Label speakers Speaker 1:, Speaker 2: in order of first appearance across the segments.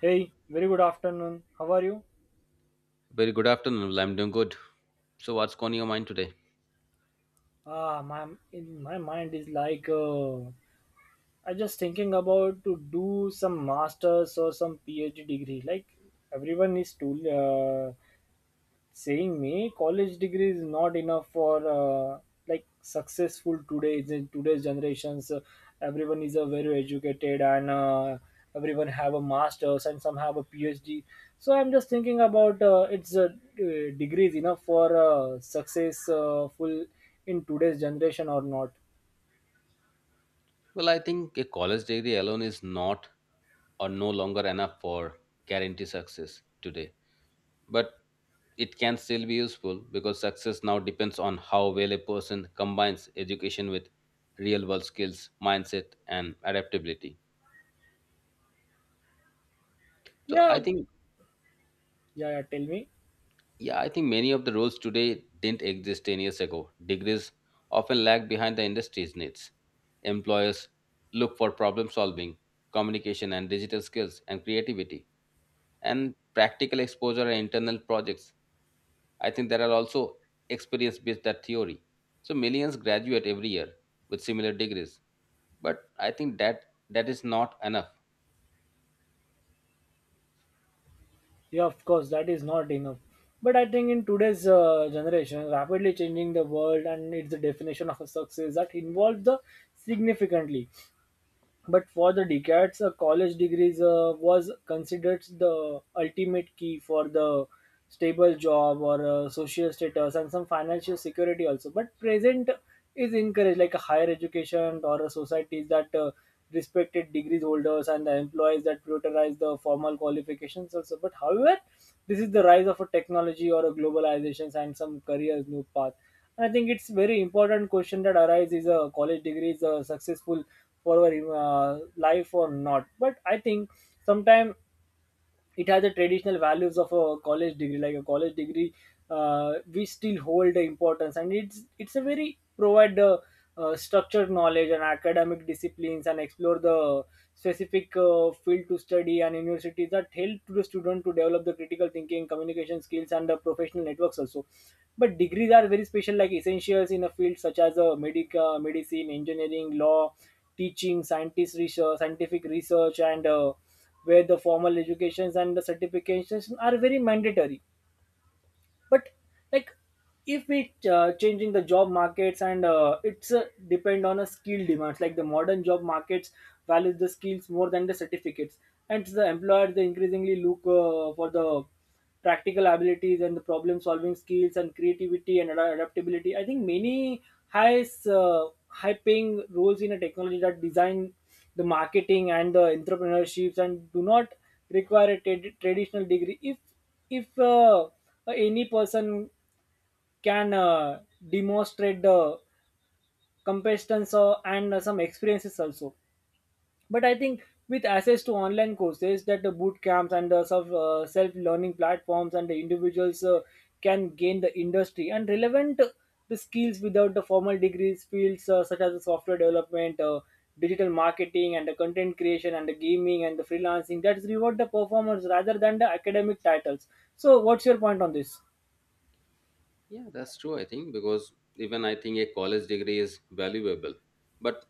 Speaker 1: Hey, very good afternoon. How are you?
Speaker 2: Very good afternoon. Well, I'm doing good. So, what's on your mind today?
Speaker 1: My in my mind is like I just thinking about to do some masters or some PhD degree. Like everyone is tool saying me college degree is not enough for like successful today in today's generations. Everyone is a very educated and everyone have a masters and some have a phd so I'm just thinking about it's a degree is enough for successful in today's generation or not.
Speaker 2: Well, I think a college degree alone is not or no longer enough for guarantee success today. But it can still be useful because success now depends on how well a person combines education with real world skills, mindset, and adaptability. So,
Speaker 1: Yeah.
Speaker 2: I think
Speaker 1: Yeah, yeah, tell me.
Speaker 2: yeah, I think many of the roles today didn't exist 10 years ago. Degrees often lag behind the industry's needs. Employers look for problem solving, communication and digital skills and creativity and practical exposure and internal projects. I think there are also experience based that theory. So millions graduate every year with similar degrees. But I think that is not enough.
Speaker 1: Yeah, of course, that is not enough. But I think in today's generation, rapidly changing the world and its definition of a success that involves the significantly. But for the decades, a college degree was considered the ultimate key for the stable job or social status and some financial security also. But present is encouraged like a higher education or a societies that respected degrees holders and the employees that prioritize the formal qualifications also. But however, this is the rise of a technology or a globalizations and some careers new path. I think it's very important question that arises: is a college degree is a successful for our life or not? But I think sometimes it has the traditional values of a college degree like a college degree we still hold the importance and it's a very provide structured knowledge and academic disciplines and explore the specific field to study and universities that help to the student to develop the critical thinking communication skills and the professional networks also, but degrees are very special like essentials in a field such as medica medicine engineering law teaching scientist research scientific research and where the formal educations and the certifications are very mandatory. But like if we changing the job markets and it's depend on a skill demands like the modern job markets values the skills more than the certificates and the employers they increasingly look for the practical abilities and the problem solving skills and creativity and adaptability. I think many high high paying roles in a technology that design the marketing and the entrepreneurships and do not require a traditional degree if if any person can demonstrate the competence and some experiences also. But I think with access to online courses that the boot camps and some self learning platforms and the individuals can gain the industry and relevant the skills without the formal degrees fields such as the software development digital marketing and the content creation and the gaming and the freelancing that reward the performers rather than the academic titles. So what's your point on this?
Speaker 2: Yeah, that's true, I think, because even I think a college degree is valuable, but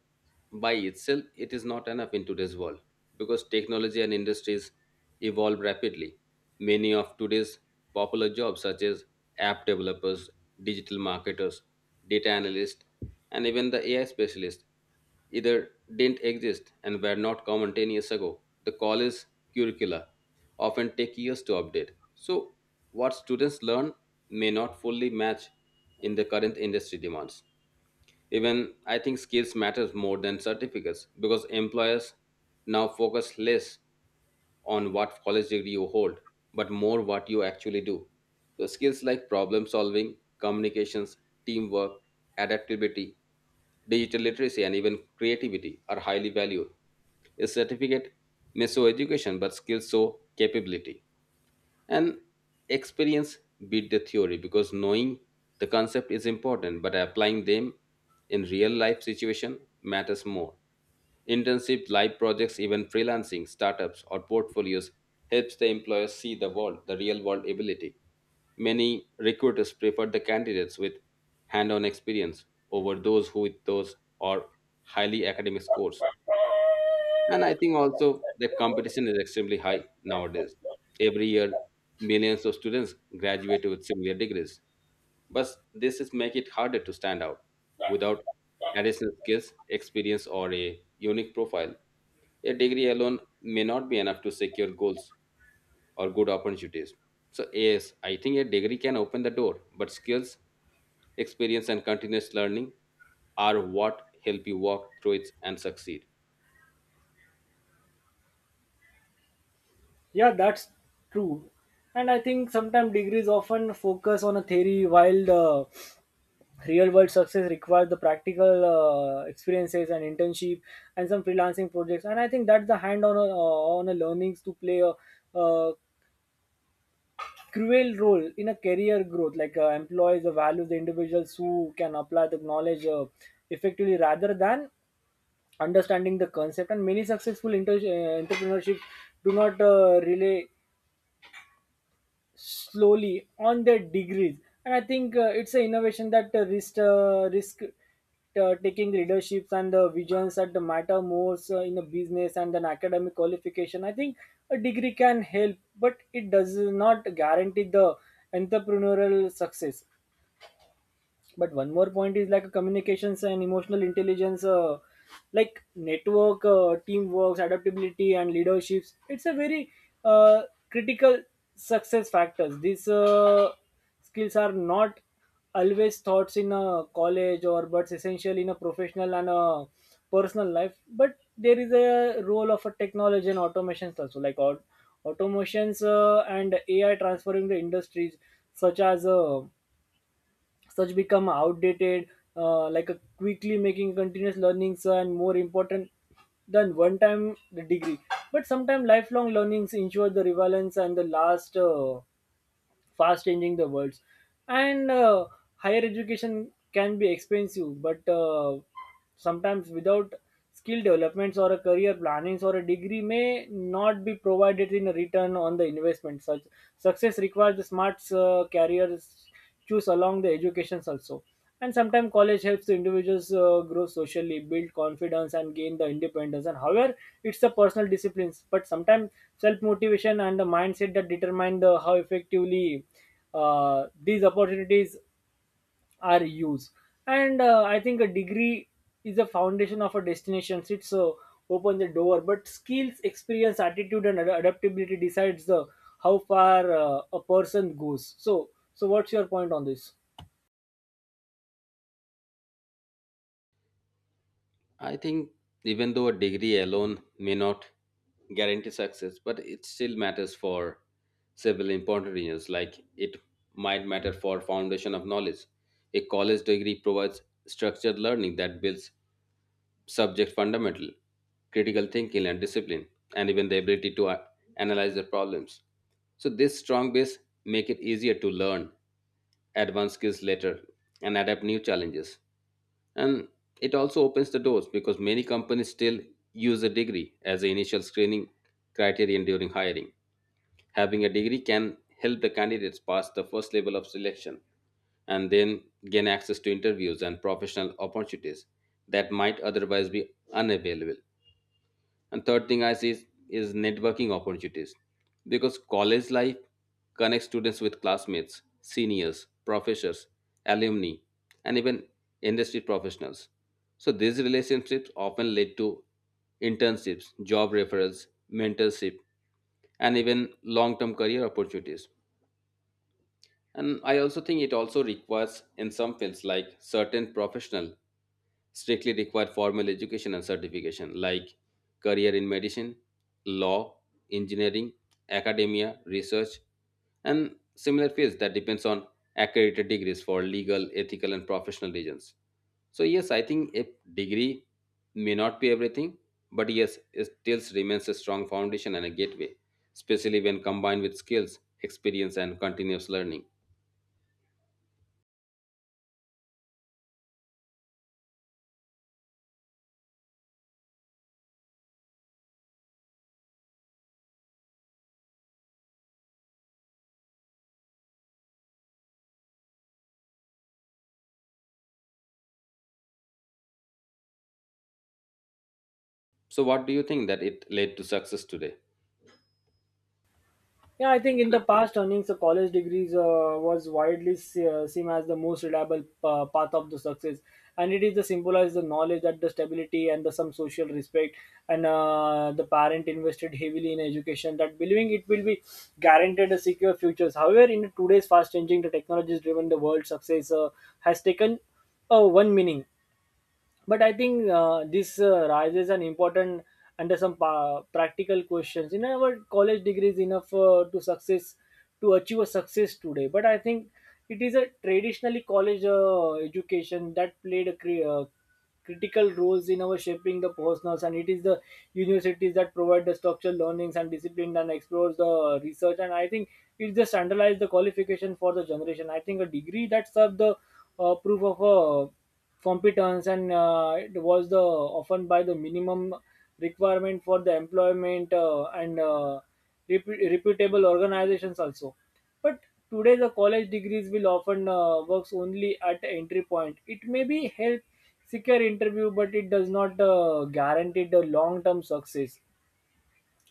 Speaker 2: by itself, it is not enough in today's world because technology and industries evolve rapidly. Many of today's popular jobs such as app developers, digital marketers, data analysts, and even the AI specialist either didn't exist and were not common 10 years ago. The college curricula often take years to update. So, what students learn may not fully match in the current industry demands. Even I think skills matters more than certificates because employers now focus less on what college degree you hold, but more what you actually do. So, skills like problem solving, communications, teamwork, adaptability, digital literacy, and even creativity are highly valued. A certificate may show education, but skills show capability. And experience beat the theory because knowing the concept is important, but applying them in real life situation matters more. Internship, live projects, even freelancing, startups, or portfolios helps the employers see the real world ability. Many recruiters prefer the candidates with hand on experience over those who with those or highly academic scores. And I think also the competition is extremely high nowadays. Every year, millions of students graduate with similar degrees but this is make it harder to stand out without additional skills experience or a unique profile. A degree alone may not be enough to secure goals or good opportunities. So yes, I think a degree can open the door, but skills, experience and continuous learning are what help you walk through it and succeed.
Speaker 1: Yeah, that's true. And I think sometimes degrees often focus on a theory while the real world success requires the practical experiences and internship and some freelancing projects. And I think that's the hand on a learnings to play a cruel role in a career growth. Like employees value the individuals who can apply the knowledge effectively rather than understanding the concept. And many successful entrepreneurship do not relay slowly on their degrees. And I think it's an innovation that risk taking leaderships and the visions that matter more in a business and an academic qualification. I think a degree can help but it does not guarantee the entrepreneurial success. But one more point is like communications and emotional intelligence like network teamwork adaptability and leaderships, it's a very uh, critical success factors. These skills are not always taught in a college or but essential in a professional and a personal life. But there is a role of a technology and automations also like automations and ai transferring the industries such as such become outdated like a quickly making continuous learnings and more important than one time the degree. But sometimes lifelong learnings ensure the relevance and the last fast changing the worlds and higher education can be expensive but sometimes without skill developments or a career plannings or a degree may not be provided in a return on the investment such success requires the smart careers choose along the educations also. And sometimes college helps the individuals grow socially build confidence and gain the independence and however it's the personal disciplines but sometimes self-motivation and the mindset that determine the how effectively these opportunities are used. And I think a degree is the foundation of a destination, it's opens the door but skills experience attitude and adaptability decides the how far a person goes. So what's your point on this?
Speaker 2: I think even though a degree alone may not guarantee success, but it still matters for several important reasons. Like it might matter for foundation of knowledge. A college degree provides structured learning that builds subject fundamental, critical thinking and discipline, and even the ability to analyze the problems. So this strong base make it easier to learn advanced skills later and adapt new challenges. And it also opens the doors because many companies still use a degree as the initial screening criterion during hiring. Having a degree can help the candidates pass the first level of selection and then gain access to interviews and professional opportunities that might otherwise be unavailable. And third thing I see is networking opportunities. Because college life connects students with classmates, seniors, professors, alumni, and even industry professionals. So these relationships often lead to internships, job referrals, mentorship, and even long-term career opportunities. And I also think it also requires in some fields like certain professional strictly require formal education and certification like career in medicine, law, engineering, academia, research, and similar fields that depends on accredited degrees for legal, ethical, and professional reasons. So yes, I think a degree may not be everything, but yes, it still remains a strong foundation and a gateway, especially when combined with skills, experience, and continuous learning. So what do you think that it led to success today?
Speaker 1: Yeah, I think in the past, earnings a college degrees was widely seen as the most reliable path of the success, and it is the symbolized the knowledge that the stability and the some social respect, and the parent invested heavily in education that believing it will be guaranteed a secure futures. However, in today's fast changing, the technologies driven the world, success has taken one meaning. But I think this raises an important under some practical questions in our college degree is enough to success to achieve a success today. But I think it is a traditionally college education that played a critical roles in our shaping the personals and it is the universities that provide the structural learnings and discipline and explores the research and I think it just underlies the qualification for the generation. I think a degree that serves the proof of a competence and it was the often by the minimum requirement for the employment and reputable organizations also. But today the college degrees will often works only at entry point, it may be help secure interview but it does not guarantee the long term success.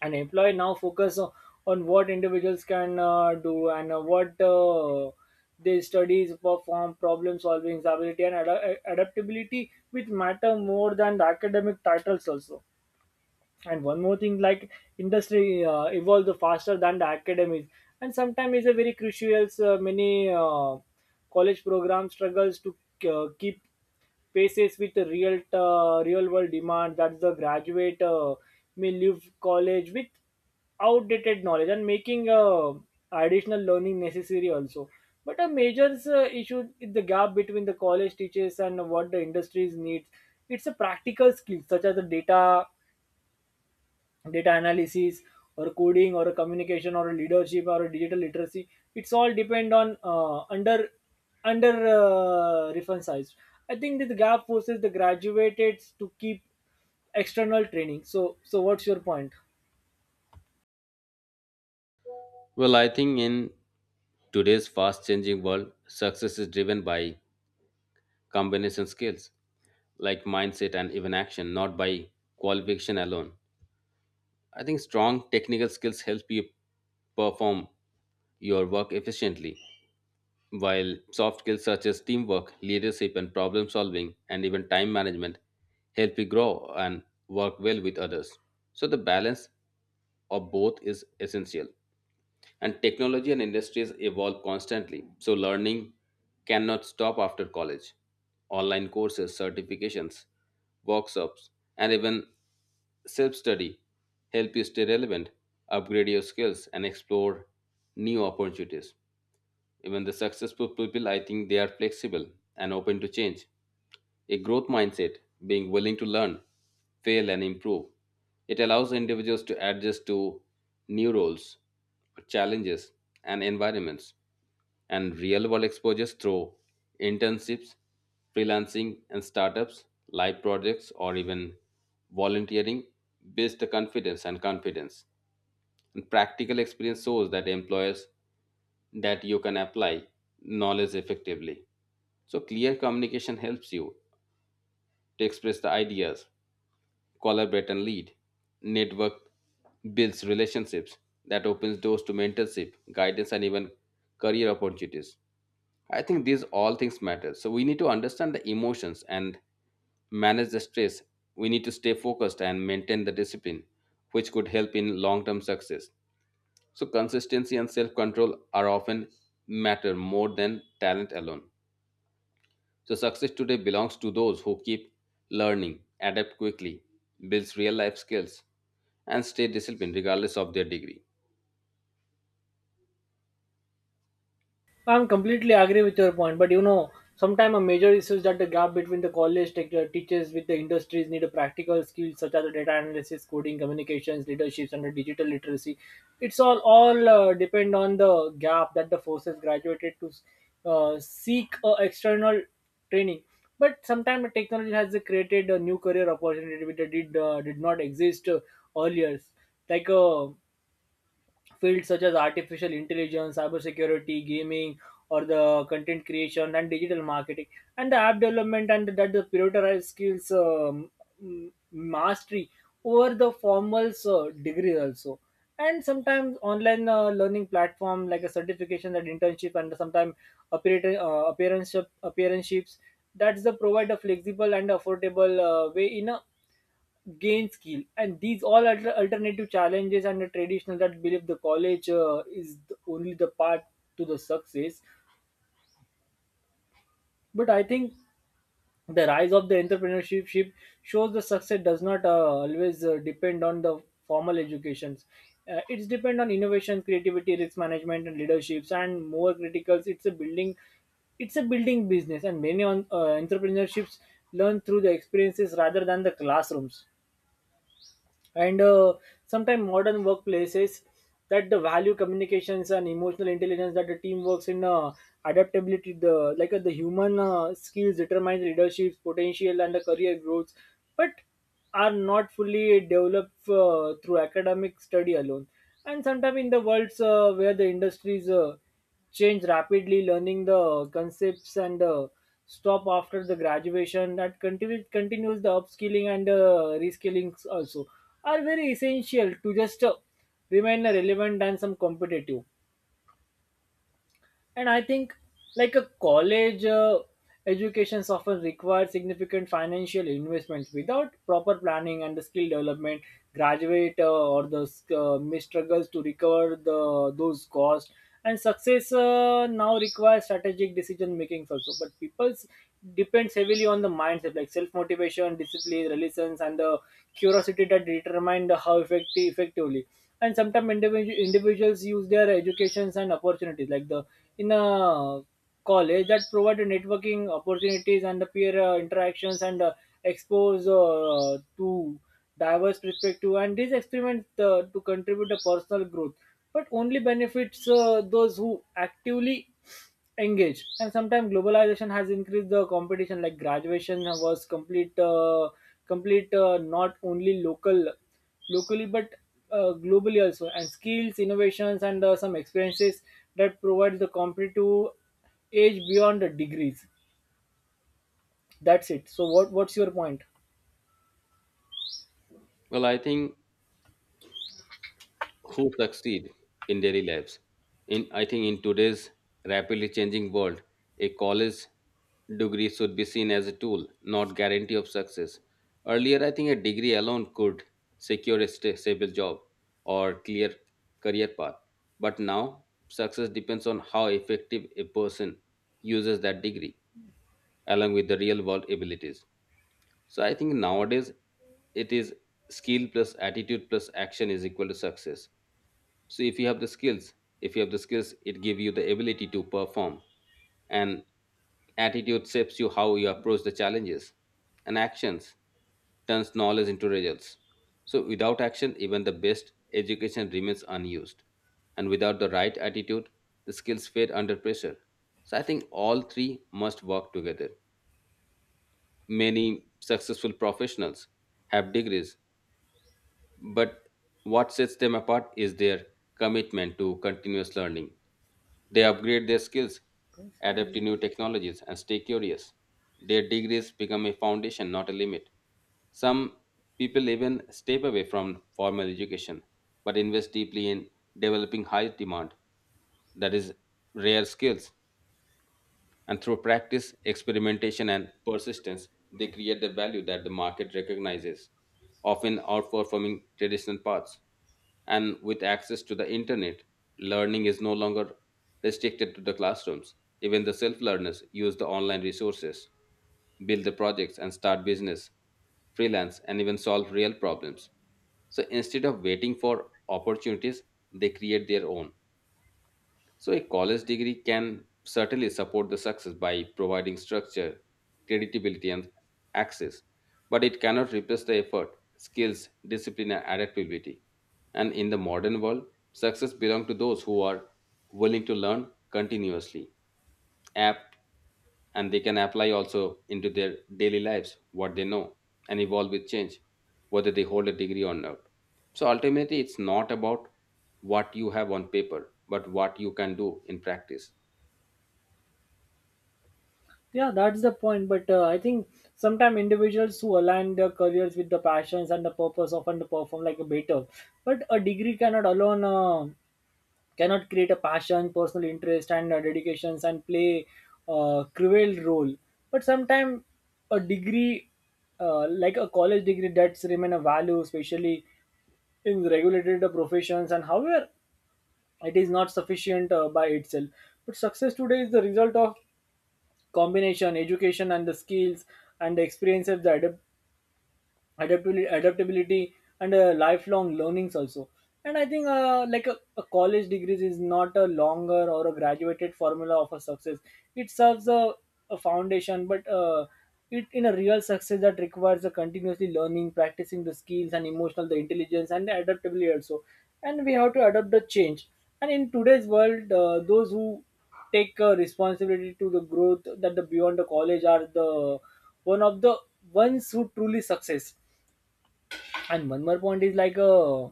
Speaker 1: An employee now focus on what individuals can do and what they studies perform problem solving ability and adaptability which matter more than the academic titles also. And one more thing like industry evolves faster than the academics and sometimes is a very crucial many college program struggles to keep paces with the real real world demand that the graduate may leave college with outdated knowledge and making additional learning necessary also. But a major issue is the gap between the college teachers and what the industries needs, it's a practical skill such as the data data analysis or coding or a communication or a leadership or a digital literacy. It's all depend on under under reference, I think that the gap forces the graduates to keep external training. So what's your point?
Speaker 2: Well, I think in today's fast changing world, success is driven by combination skills like mindset and even action, not by qualification alone. I think strong technical skills help you perform your work efficiently, while soft skills such as teamwork, leadership, and problem solving, and even time management help you grow and work well with others. So, the balance of both is essential. And technology and industries evolve constantly, so learning cannot stop after college. Online courses, certifications, workshops, and even self study help you stay relevant, upgrade your skills, and explore new opportunities. Even the successful people, I think they are flexible and open to change. A growth mindset, being willing to learn, fail, and improve. It allows individuals to adjust to new roles, challenges, and environments, and real world exposures through internships, freelancing, and startups, live projects, or even volunteering builds the confidence and confidence. And practical experience shows that employers that you can apply knowledge effectively. So, clear communication helps you to express the ideas, collaborate and lead. Network builds relationships that opens doors to mentorship, guidance, and even career opportunities. I think these all things matter. So, we need to understand the emotions and manage the stress. We need to stay focused and maintain the discipline, which could help in long term success. So consistency and self-control are often matter more than talent alone. So success today belongs to those who keep learning, adapt quickly, builds real life skills, and stay disciplined regardless of their degree.
Speaker 1: I'm completely agree with your point, but you know, sometimes a major issue is that the gap between the college teachers with the industries need a practical skills such as the data analysis, coding, communications, leaderships, and the digital literacy. It's all depend on the gap that the forces graduated to seek external training. But sometimes technology has created a new career opportunity which did not exist earlier, like. Fields such as artificial intelligence, cybersecurity, gaming, or the content creation and digital marketing, and the app development, and that the prioritized skills mastery over the formal degree also. And sometimes online learning platform like a certification, that internship, and sometimes appear- uh, appearance appearanceships. That's the provide a flexible and affordable way in a gain skill and these all alternative challenges and the traditional that believe the college is the, only the path to the success. But I think the rise of the entrepreneurship ship shows the success does not always depend on the formal educations, it's depend on innovation creativity risk management and leaderships and more criticals, it's a building business and many on, entrepreneurships learn through the experiences rather than the classrooms. And sometimes modern workplaces that the value communications and emotional intelligence that the team works in adaptability the like the human skills determine leadership's potential and the career growth, but are not fully developed through academic study alone. And sometimes in the worlds where the industries change rapidly, learning the concepts and stop after the graduation. That continues the upskilling and reskilling also are very essential to just remain relevant and some competitive. And I think like a college education often requires significant financial investments without proper planning and the skill development. Graduate or the may struggles to recover the those costs, and success now requires strategic decision making also, but people's depends heavily on the mindset like self motivation, discipline, resilience, and the curiosity that determine the how effectively and sometimes individuals use their educations and opportunities like the in a college that provide networking opportunities and the peer interactions and expose to diverse perspective, and these experiments to contribute to personal growth, but only benefits those who actively engage. And sometimes globalization has increased the competition like graduation was complete complete not only locally but globally also, and skills, innovations, and some experiences that provides the competitive edge beyond the degrees. That's it. So what's your point?
Speaker 2: Well, I think who succeed in daily lives. In I think in today's rapidly changing world, a college degree should be seen as a tool, not guarantee of success. Earlier, I think a degree alone could secure a stable job or clear career path. But now, success depends on how effective a person uses that degree along with the real world abilities. So I think nowadays it is skill plus attitude plus action is equal to success. So if you have the skills, if you have the skills, it give you the ability to perform, and attitude shapes you how you approach the challenges, and actions turns knowledge into results. So without action even the best education remains unused, and without the right attitude the skills fade under pressure. So I think all three must work together. Many successful professionals have degrees, but what sets them apart is their commitment to continuous learning. They upgrade their skills, adapt to new technologies, and stay curious. Their degrees become a foundation, not a limit. Some people even step away from formal education but invest deeply in developing high demand, that is, rare skills. And through practice, experimentation, and persistence, they create the value that the market recognizes, often outperforming traditional paths. And with access to the internet, learning is no longer restricted to the classrooms. Even the self learners use the online resources, build the projects, and start business, freelance, and even solve real problems. So instead of waiting for opportunities, they create their own. So, a college degree can certainly support the success by providing structure, credibility, and access, but it cannot replace the effort, skills, discipline, and adaptability. And in the modern world, success belongs to those who are willing to learn continuously app and they can apply also into their daily lives what they know and evolve with change whether they hold a degree or not. So ultimately it's not about what you have on paper but what you can do in practice.
Speaker 1: Yeah, that's the point. But I think sometimes individuals who align their careers with the passions and the purpose often perform like a better. But a degree cannot alone, cannot create a passion, personal interest, and dedications and play a cruel role. But sometimes a degree, like a college degree, that's remain a value, especially in regulated professions. And however, it is not sufficient by itself. But success today is the result of combination education and the skills and the experiences the adaptability, and lifelong learnings also. And I think like a college degree is not a longer or a graduated formula of a success. It serves a foundation, but it in a real success that requires a continuously learning, practicing the skills, and emotional the intelligence and the adaptability also. And we have to adapt the change. And in today's world those who take responsibility to the growth that the beyond the college are the one of the ones who truly success. And one more point is like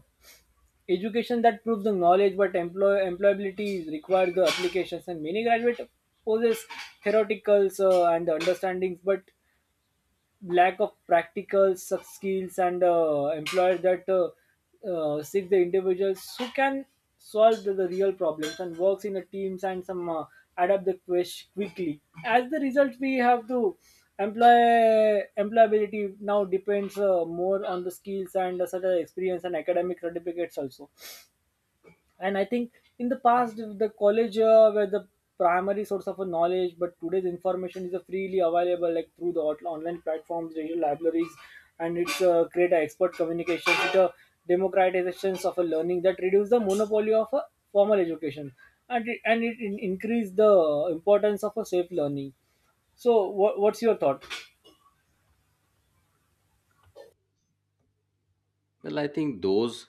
Speaker 1: education that proves the knowledge, but employability requires the applications. And many graduate possess theoreticals and the understandings, but lack of practical such skills, and employers that seek the individuals who can solve the real problems and works in the teams and some adapt the quest quickly as the result. We have to employability now depends more on the skills and such as experience and academic certificates also. And I think in the past the college were the primary source of a knowledge, but today's information is freely available like through the online platforms, digital libraries, and it's create a expert communication, it a democratizations of a learning that reduce the monopoly of a formal education. And it increase the importance of a safe learning. So, what's your thought?
Speaker 2: Well, I think those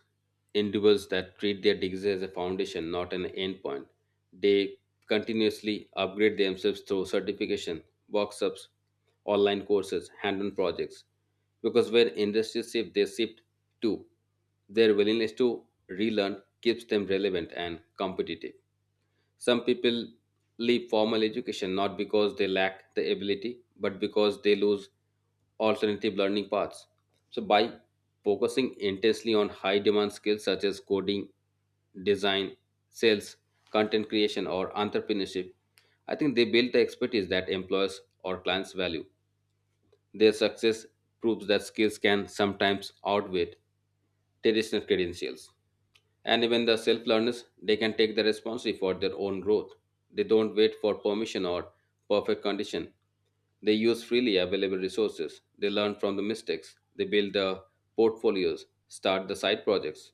Speaker 2: individuals that treat their degrees as a foundation, not an end point, they continuously upgrade themselves through certification, workshops, online courses, hand-on projects. Because where industries shift, they shift too. Their willingness to relearn keeps them relevant and competitive. Some people leave formal education not because they lack the ability, but because they lose alternative learning paths. So, by focusing intensely on high demand skills such as coding, design, sales, content creation, or entrepreneurship, I think they build the expertise that employers or clients value. Their success proves that skills can sometimes outweigh traditional credentials, and even the self learners they can take the responsibility for their own growth. They don't wait for permission or perfect condition. They use freely available resources, they learn from the mistakes, they build the portfolios, start the side projects,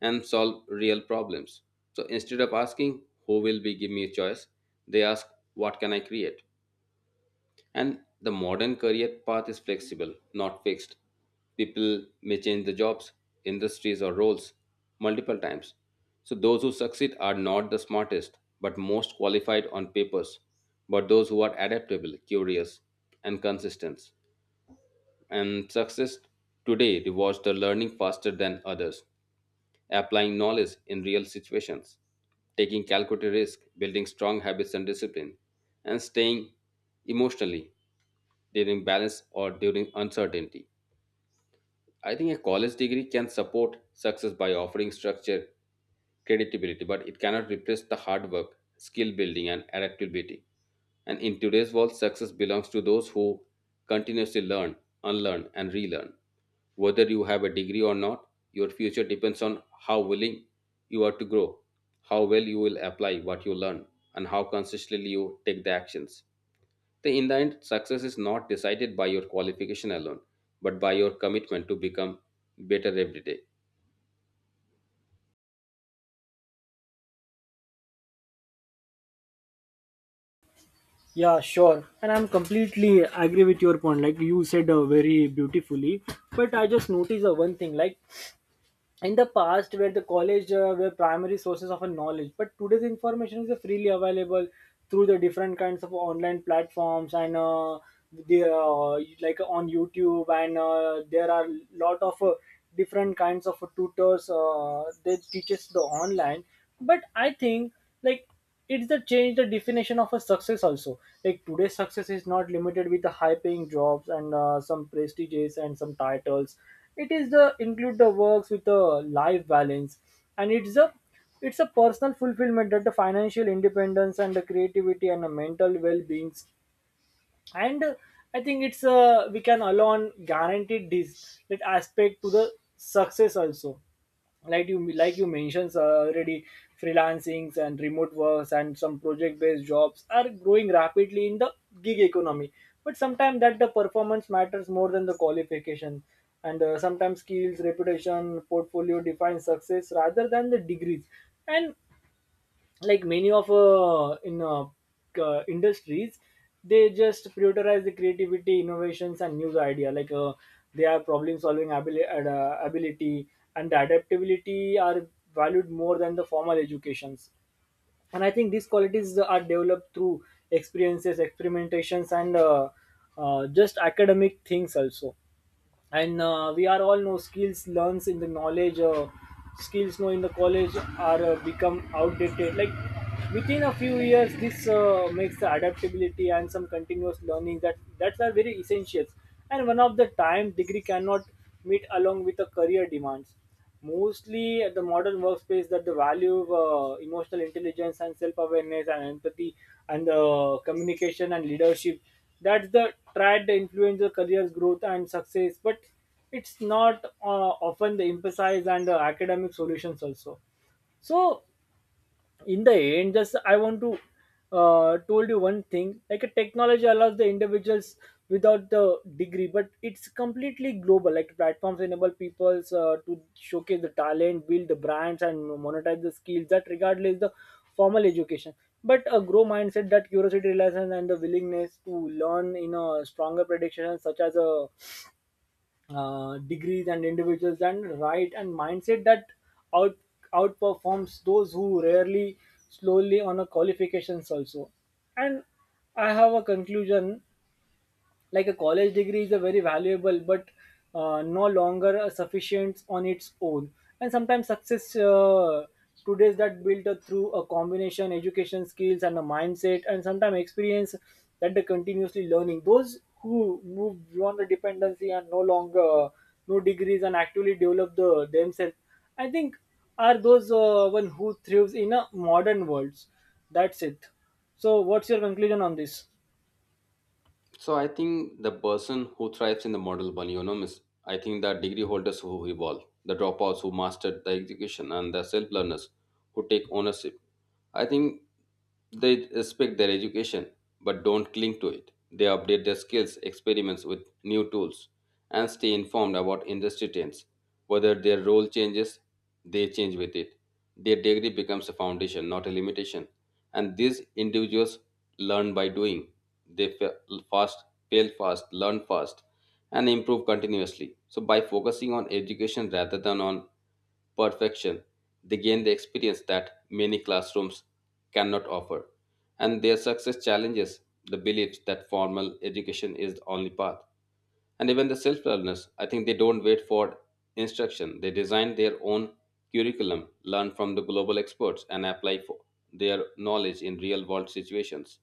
Speaker 2: and solve real problems. So instead of asking who will be give me a choice, they ask what can I create. And the modern career path is flexible, not fixed. People may change the jobs, industries, or roles multiple times. So, those who succeed are not the smartest, but most qualified on papers, but those who are adaptable, curious, and consistent. And success today rewards the learning faster than others, applying knowledge in real situations, taking calculated risk, building strong habits and discipline, and staying emotionally during balance or during uncertainty. I think a college degree can support success by offering structure, credibility, but it cannot replace the hard work, skill building, and adaptability. And in today's world, success belongs to those who continuously learn, unlearn, and relearn. Whether you have a degree or not, your future depends on how willing you are to grow, how well you will apply what you learn, and how consistently you take the actions. The, in the end, success is not decided by your qualification alone, but by your commitment to become better every day.
Speaker 1: Yeah, sure. And I'm completely agree with your point. Like you said very beautifully, but I just noticed one thing. Like in the past where the college were primary sources of a knowledge, but today's information is freely available through the different kinds of online platforms and the like on youtube and there are lot of different kinds of tutors they teaches the online. But I think like it's the change the definition of a success also, like today's success is not limited with the high paying jobs and some prestiges and some titles. It is the include the works with the life balance, and it's a, it's a personal fulfillment, that the financial independence and the creativity and the mental well-being. And I think it's we can alone guaranteed this that aspect to the success also. Like you mentioned already, freelancings and remote works and some project based jobs are growing rapidly in the gig economy, but sometimes that the performance matters more than the qualification. And sometimes skills, reputation, portfolio define success rather than the degrees. And like many of in industries, they just prioritize the creativity, innovations, and new idea, like they are problem solving ability and adaptability are valued more than the formal educations. And I think these qualities are developed through experiences, experimentations, and just academic things also. And we are all know skills learns in the knowledge skills know in the college are become outdated like within a few years. This makes the adaptability and some continuous learning that that's are very essentials. And one of the time degree cannot meet along with the career demands, mostly at the modern workspace that the value of emotional intelligence and self-awareness and empathy and communication and leadership, that's the tried influencer careers growth and success. But it's not often the emphasize and academic solutions also. So in the end just I want to told you one thing, like a technology allows the individuals without the degree, but it's completely global, like platforms enable peoples to showcase the talent, build the brands, and monetize the skills that regardless the formal education. But a grow mindset that curiosity, reliance, and the willingness to learn in a stronger prediction such as a degrees and individuals and right and mindset that out outperforms those who rarely slowly on a qualifications also. And I have a conclusion, like a college degree is a very valuable but no longer sufficient on its own. And sometimes success today is that built up through a combination education, skills, and a mindset, and sometimes experience that they continuously learning. Those who move beyond the dependency and no longer no degrees and actually develop the themselves, I think, are those one who thrives in a modern world. That's it. So what's your conclusion on this?
Speaker 2: So I think the person who thrives in the model one, miss, I think the degree holders who evolve, the dropouts who mastered the execution, and the self learners who take ownership. I think they respect their education but don't cling to it. They update their skills, experiments with new tools, and stay informed about industry trends. Whether their role changes, they change with it. Their degree becomes a foundation, not a limitation. And these individuals learn by doing. They fast, fail fast, learn fast, and improve continuously. So, by focusing on education rather than on perfection. They gain the experience that many classrooms cannot offer. And their success challenges the beliefs that formal education is the only path. And even the self learners, I think they don't wait for instruction. They design their own curriculum, learn from the global experts, and apply for their knowledge in real world situations.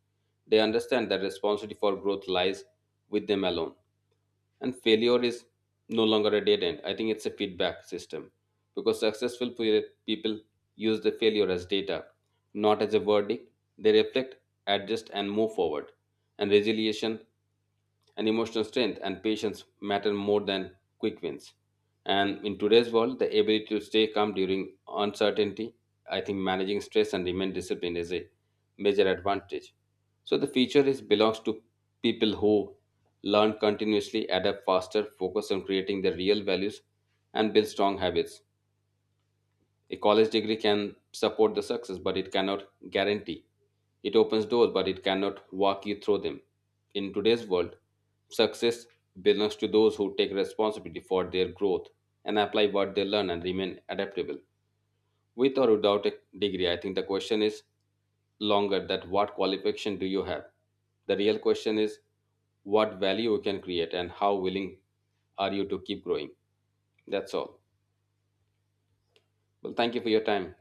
Speaker 2: They understand that responsibility for growth lies with them alone and failure is no longer a dead end. I think it's a feedback system because successful people use the failure as data, not as a verdict. They reflect, adjust and move forward. And resilience and emotional strength and patience matter more than quick wins. And in today's world, the ability to stay calm during uncertainty, I think managing stress and remain disciplined is a major advantage. So the future is belongs to people who learn continuously, adapt faster, focus on creating their real values, and build strong habits. A college degree can support the success, but it cannot guarantee. It opens doors, but it cannot walk you through them. In today's world, success belongs to those who take responsibility for their growth and apply what they learn and remain adaptable. With or without a degree, I think the question is longer that what qualification do you have? The real question is what value you can create and how willing are you to keep growing? That's all. Well, thank you for your time.